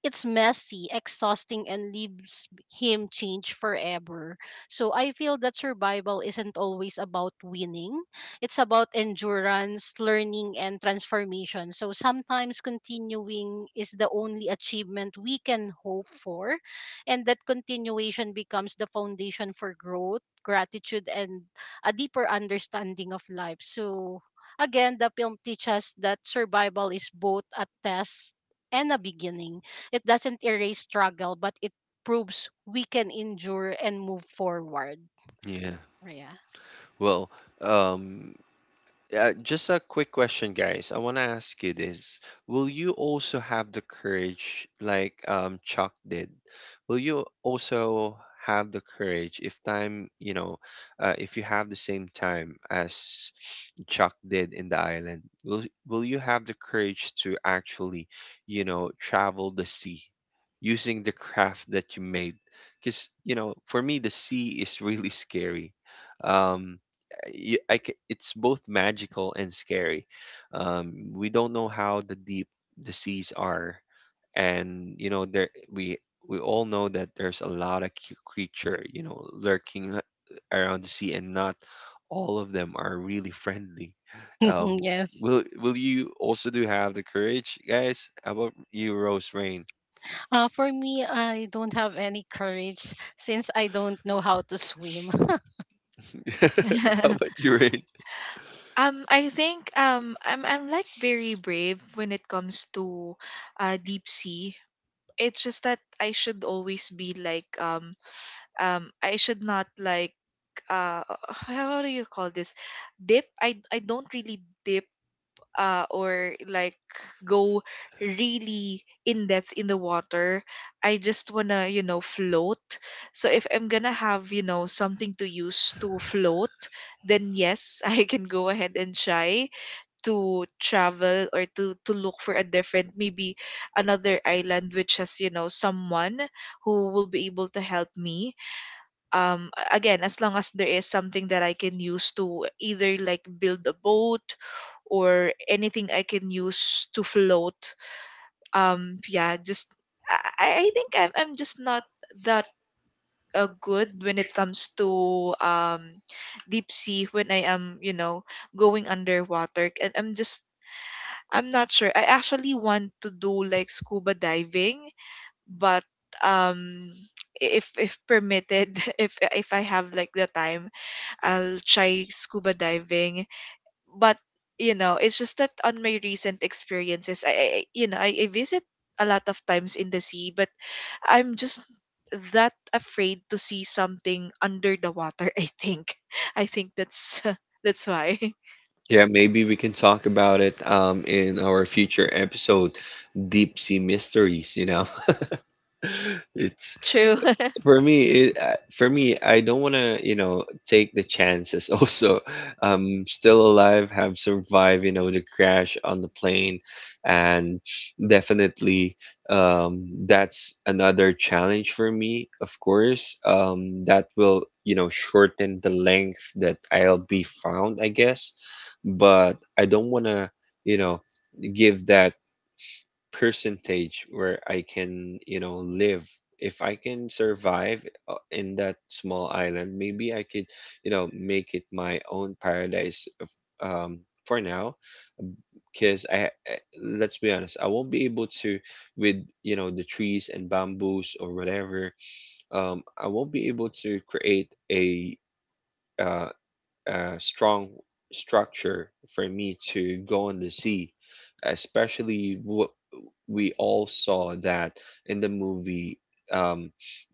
Speaker 2: It's messy, exhausting, and leaves him changed forever. So I feel that survival isn't always about winning. It's about endurance, learning, and transformation. So sometimes continuing is the only achievement we can hope for. And that continuation becomes the foundation for growth, gratitude, and a deeper understanding of life. So again, the film teaches that survival is both a test and a beginning. It doesn't erase struggle, but it proves we can endure and move forward.
Speaker 1: Yeah,
Speaker 2: Yeah.
Speaker 1: well, um, just a quick question, guys. I want to ask you this. Will you also have the courage, like Chuck did? Will you also have the courage if time, you know, if you have the same time as Chuck did in the island, will you have the courage to actually, you know, travel the sea using the craft that you made? Because, you know, for me, the sea is really scary. Um, it's both magical and scary. We don't know how the deep the seas are, and you know there we all know that there's a lot of creature, you know, lurking around the sea, and not all of them are really (laughs) friendly.
Speaker 2: (laughs)
Speaker 1: Um,
Speaker 2: Yes.
Speaker 1: will you also do have the courage, guys? How about you, Rose Rain?
Speaker 2: For me, I don't have any courage since I don't know how to swim. (laughs)
Speaker 1: (laughs) How
Speaker 3: (laughs)
Speaker 1: about you, Rain?
Speaker 3: I think I'm like very brave when it comes to deep sea. It's just that I should always be like, I should not like, uh (laughs) how do you call this? Dip. I don't really dip, or like go really in depth in the water. I just want to float, so if I'm going to have something to use to float, then yes, (laughs) I can go ahead and try to travel, or to look for a different, maybe another island, which has someone who will be able to help me. Again, as long as there is something that I can use to either like build a boat or anything I can use to float. Yeah, just... I think I'm just not that good when it comes to deep sea. When I am, going underwater, and I'm not sure. I actually want to do like scuba diving, but um if permitted, (laughs) if I have like the time, I'll try scuba diving. But it's just that on my recent experiences, I visit a lot of times in the sea, but I'm just that afraid to see something under the water, (laughs) I think. I think that's (laughs) that's why. (laughs)
Speaker 1: Yeah, maybe we can talk about it in our future episode, deep sea mysteries, you know. (laughs) It's
Speaker 3: True.
Speaker 1: for me I don't want to, you know, take the chances (laughs) also. I'm still alive, have survived, you know, the crash on the plane, and definitely that's another challenge for me, of course. That will, you know, shorten the length that I'll be found, I guess. But I don't want to, you know, give that percentage where I can, you know, live. If I can survive in that small island, maybe I could, you know, make it my own paradise of, um, for now. Because let's be honest, I won't be able to, with, you know, the trees and bamboos or whatever, I won't be able to create a, uh, strong structure for me to go on the sea, especially what we all saw that in the movie, um,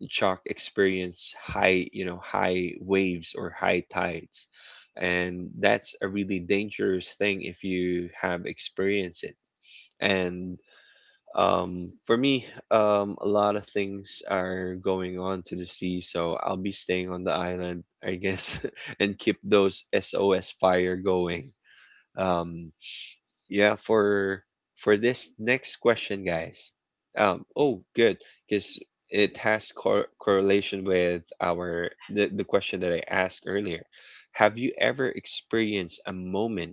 Speaker 1: Chuck experienced high, you know, high waves or high tides. And that's a really dangerous thing if you have experienced it. And for me, a lot of things are going on to the sea, so I'll be staying on the island, I guess, (laughs) and keep those SOS fire going. Um, yeah, for this next question, guys. Oh, good, because it has correlation with our the question that I asked earlier. Have you ever experienced a moment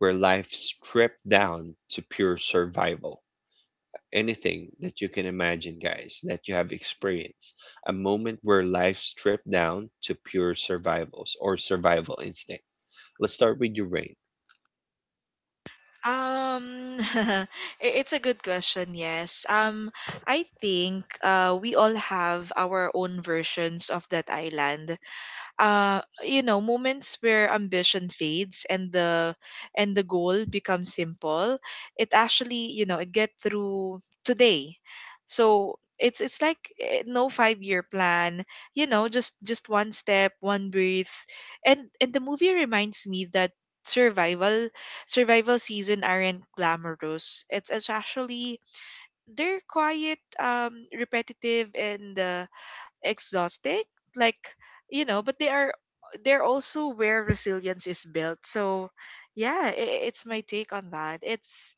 Speaker 1: where life stripped down to pure survival? Anything that you can imagine, guys, that you have experienced. A moment where life stripped down to pure survivals or survival instinct. Let's start with your rain.
Speaker 3: Um, (laughs) i- it's a good question, yes. I think we all have our own versions of that island. uh moments where ambition fades, and the goal becomes simple. It actually you know it get through today. So it's like, no 5-year plan, just one step, one breath. And the movie reminds me that survival survival season aren't glamorous. It's actually, they're quiet, repetitive, and exhausting. Like, but they're also where resilience is built. So yeah, I it's my take on that. It's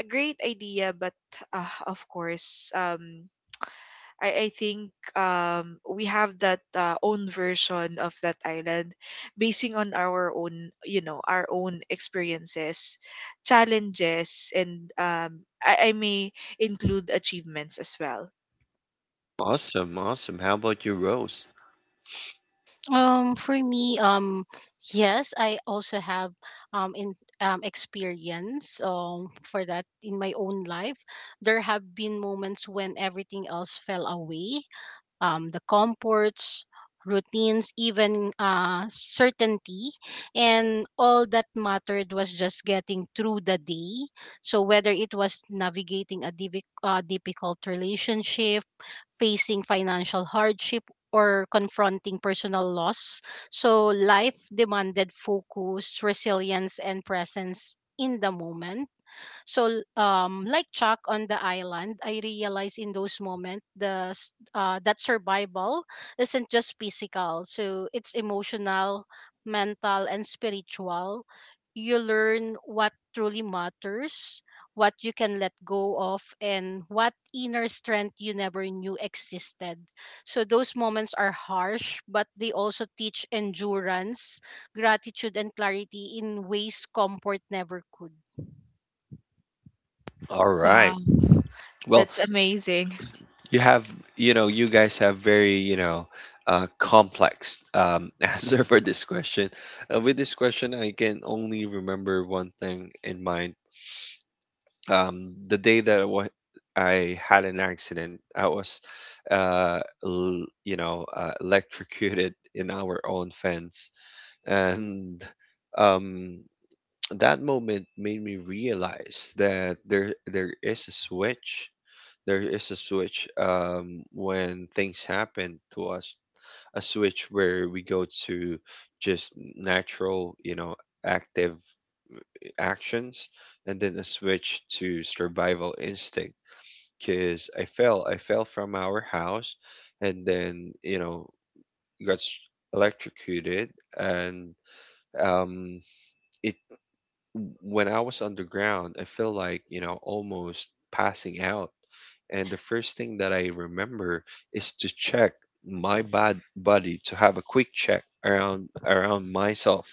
Speaker 3: a great idea, but of course, I think, we have that own version of that island, basing on our own, our own experiences, challenges, and I may include achievements as well.
Speaker 1: Awesome, awesome. How about you, Rose?
Speaker 2: For me, yes, I also have in experience for that in my own life. There have been moments when everything else fell away, the comforts, routines, even certainty. And all that mattered was just getting through the day. So whether it was navigating a difficult relationship, facing financial hardship, or confronting personal loss. So life demanded focus, resilience, and presence in the moment. So, like Chuck on the island, I realized in those moments that survival isn't just physical. So it's emotional, mental, and spiritual. You learn what truly matters, what you can let go of, and what inner strength you never knew existed. So those moments are harsh, but they also teach endurance, gratitude, and clarity in ways comfort never could.
Speaker 1: All right.
Speaker 3: Wow,
Speaker 1: Well,
Speaker 3: that's amazing.
Speaker 1: you have, you know, you guys have very, you know, complex (laughs) answer for this question. With this question, I can only remember one thing in mind, the day that I had an accident, I was, you know, electrocuted (laughs) in our own fence, and um, that moment made me realize that there is a switch. There is a switch when things happen to us. A switch where we go to just natural, you know, active actions, and then a switch to survival instinct, because I fell. I fell from our house, and then, you know, got s- electrocuted. And um, it when I was underground, I feel like, you know, almost passing out. And the first thing that I remember is to check my body, to have a quick check around around myself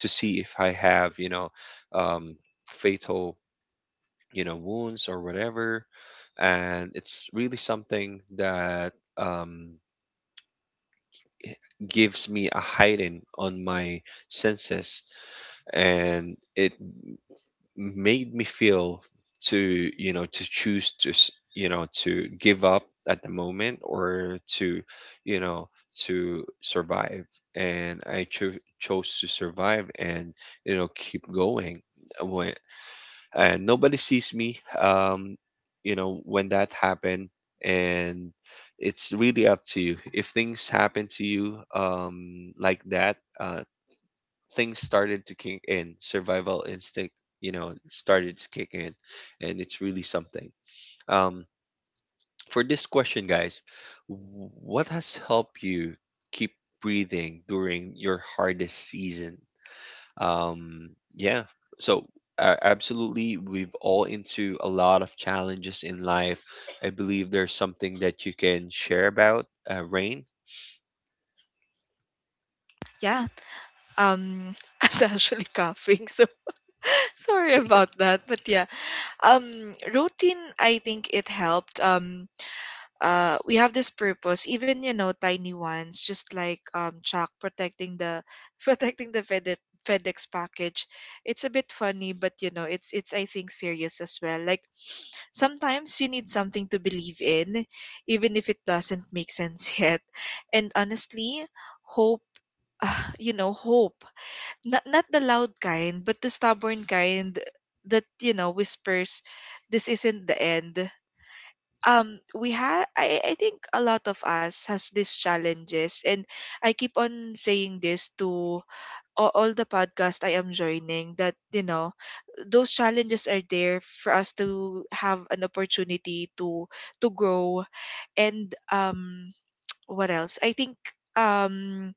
Speaker 1: to see if I have, you know, um, fatal, you know, wounds or whatever. And it's really something that um, gives me a heighten on my senses, and it made me feel to, you know, to choose to, you know, to give up at the moment or to, you know, to survive. And I chose to survive and, you know, keep going. When and nobody sees me, you know, when that happened. And it's really up to you if things happen to you, like that, things started to kick in survival instinct, you know, started to kick in. And it's really something. um for this question, guys, what has helped you keep breathing during your hardest season? um, yeah. So absolutely, we've all into a lot of challenges in life. I believe there's something that you can share about, Rain.
Speaker 3: Yeah. Um, (laughs) I was actually coughing, so (laughs) sorry about that. But yeah, um, routine. I think it helped. We have this purpose, even, tiny ones, just like, Chuck protecting the (laughs) protecting the FedEx package. It's a bit funny, but it's I think serious as well. Like sometimes you need something to believe in, even if it doesn't make sense (laughs) yet. And honestly, hope (sighs) hope, not the loud kind, but the stubborn kind that whispers, "This isn't the end." We have I think a lot of us has these challenges, and I keep on saying this to all the podcast I am joining, that those challenges are there for us to have an opportunity to grow. And what else? I think um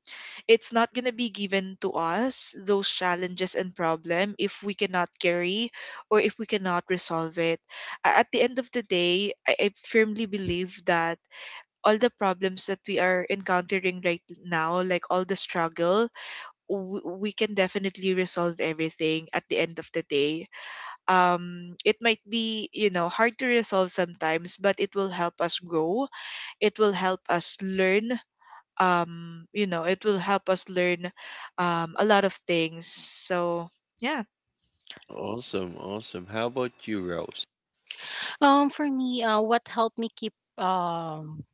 Speaker 3: it's not going to be given to us, those challenges and problem, if we cannot carry or if we cannot resolve it. At the end of the day, I firmly believe that all the problems that we are encountering right now, like all the struggle, we can definitely resolve everything at the end of the day. It might be, hard to resolve sometimes, but it will help us grow. It will help us learn, you know it will help us learn a lot of things. So yeah.
Speaker 1: Awesome, awesome. How about you, Rose?
Speaker 2: For me, what helped me keep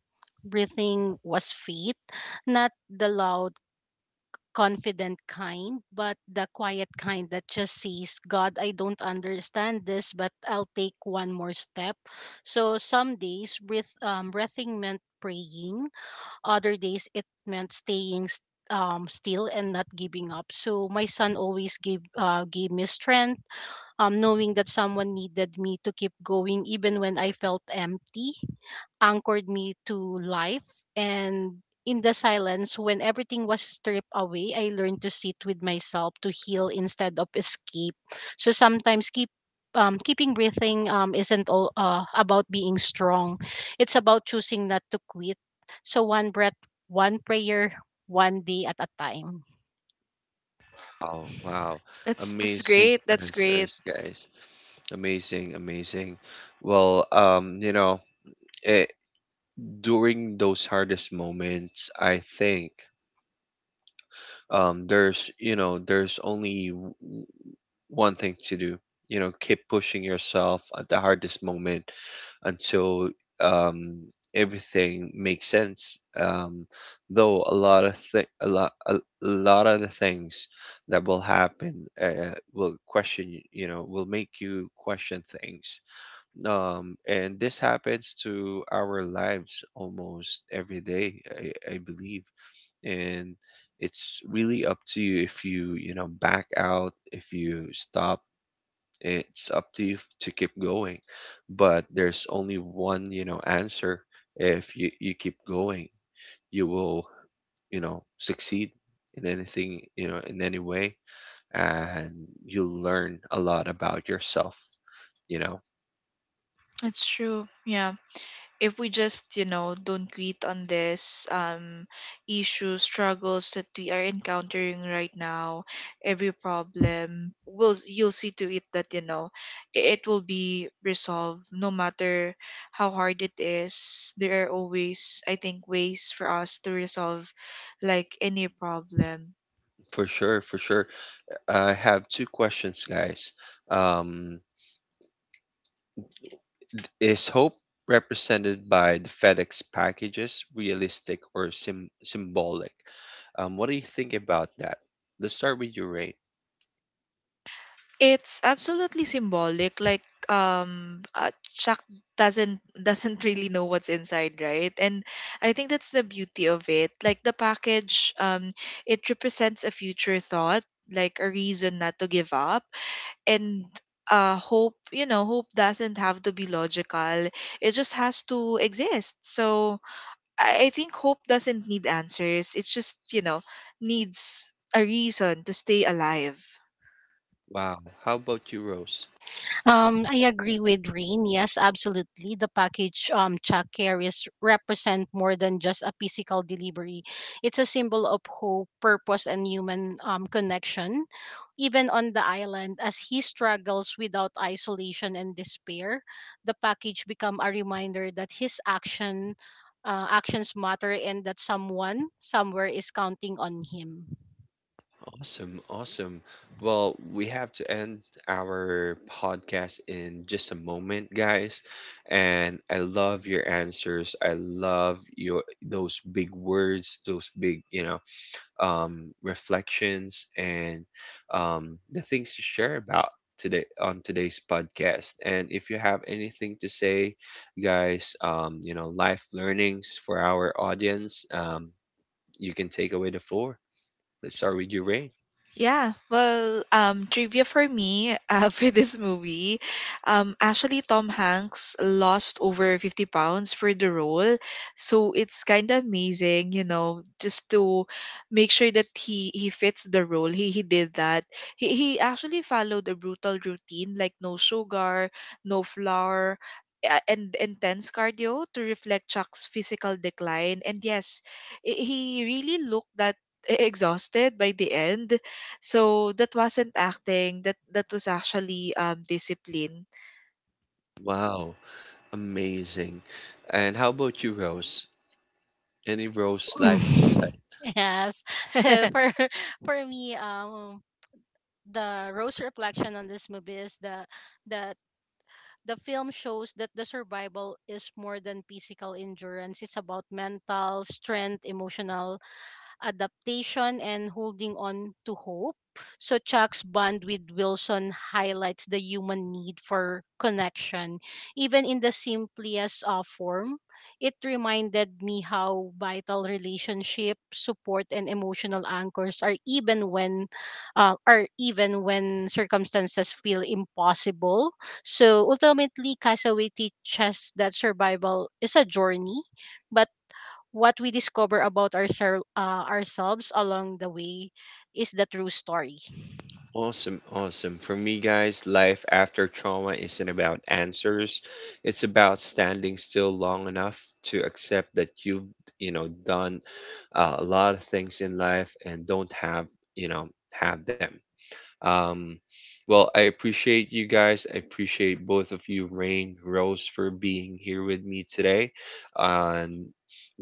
Speaker 2: breathing was faith, not the loud, confident kind, but the quiet kind that just says, "God, I don't understand this, but I'll take one more step." So some days, breathing meant praying. Other days, it meant staying, still and not giving up. So my son always gave me strength, knowing that someone needed me to keep going even when I felt empty, anchored me to life. And in the silence, when everything was stripped away, I learned to sit with myself to heal instead of escape. So sometimes keeping breathing isn't all about being strong. It's about choosing not to quit. So one breath, one prayer, one day at a time.
Speaker 1: Oh, wow.
Speaker 3: That's
Speaker 1: Amazing
Speaker 3: great.
Speaker 1: (laughs)
Speaker 3: That's great.
Speaker 1: answers, guys. Amazing, amazing. Well, you know, it, during those hardest moments, I think there's, you know, there's only one thing to do. You know, keep pushing yourself at the hardest moment until, um, everything makes sense. Though lot of the things that will happen will question you know, will make you question things. And this happens to our lives almost every day, I believe. And it's really up to you if you, you know, back out, if you stop. It's up to you to keep going, but there's only one, you know, answer. If you keep going, you will, you know, succeed in anything, you know, in any way. And you'll learn a lot about yourself, you know.
Speaker 3: It's true. Yeah, if we just don't quit on this, issue, struggles that we are encountering right now. Every problem, will you'll see to it that, it will be resolved, no matter how hard it is. There are always, I think, ways for us to resolve, like, any problem.
Speaker 1: For sure, for sure. I have two questions, guys. um Is hope represented by the FedEx packages realistic or symbolic? What do you think about that? Let's start with you, Ray.
Speaker 3: It's absolutely symbolic. Like, Chuck doesn't (laughs) doesn't really know what's inside, right? And I think that's the beauty of it. Like the package, it represents a future thought, like a reason not to give up, and hope. Hope doesn't have to be logical. It just has to exist. So I think hope doesn't need answers. It's just, needs a reason to stay alive.
Speaker 1: Wow. How about you, Rose?
Speaker 2: I agree with Rain. Yes, absolutely. The package Chuck carries represent more than just a physical delivery. It's a symbol of hope, purpose, and human connection. Even on the island, as he struggles without isolation and despair, the package become a reminder that his action actions matter and that someone somewhere is counting on him.
Speaker 1: Awesome, awesome. Well, we have to end our podcast in just a moment, guys. And I love your answers. I love your those big words, those big, you know, um, reflections, and um, the things to share about today on today's podcast. And if you have anything to say, guys, you know, life learnings for our audience, you can take away the floor. Let's start with you, Ray.
Speaker 3: Yeah, well, trivia for me, (laughs) for this movie, actually Tom Hanks lost over 50 pounds for the role, so it's kind of amazing, just to make sure that he fits the role. He did that. He actually followed a brutal routine, like no sugar, no flour. And intense cardio to reflect Chuck's physical decline. And yes, he really looked that exhausted by the end, so that wasn't acting. That was actually discipline.
Speaker 1: Wow, amazing. And how about you, Rose? Any Rose life insight?
Speaker 2: (laughs) Yes. So
Speaker 3: (laughs)
Speaker 2: for (laughs) for me, the Rose reflection on this movie is the that the film shows that the survival is more than physical endurance. It's about mental strength, emotional adaptation, and holding on to hope. So Chuck's bond with Wilson highlights the human need for connection, even in the simplest form. It reminded me how vital relationship, support, and emotional anchors are are even when circumstances feel impossible. So ultimately, Castaway teaches that survival is a journey, but what we discover about ourselves along the way is the true story.
Speaker 1: Awesome, awesome. For me, guys, life after trauma isn't about answers. It's about standing still long enough to accept that you've, you know, done a lot of things in life and don't have, you know, have them. Um, well, I appreciate you guys. I appreciate both of you, Rain, Rose, for being here with me today. And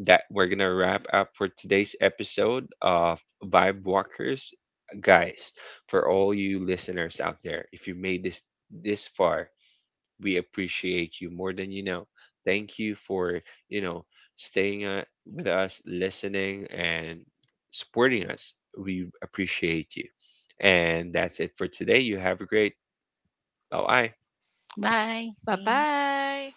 Speaker 1: that we're gonna wrap up for today's episode of Vibe Walkers. Guys, for all you listeners out there, if you made this far, we appreciate you more than you know. Thank you for, you know, staying with us, listening, and supporting us. We appreciate you. And that's it for today. You have a great bye bye.
Speaker 2: Bye. Thanks.
Speaker 3: Bye-bye.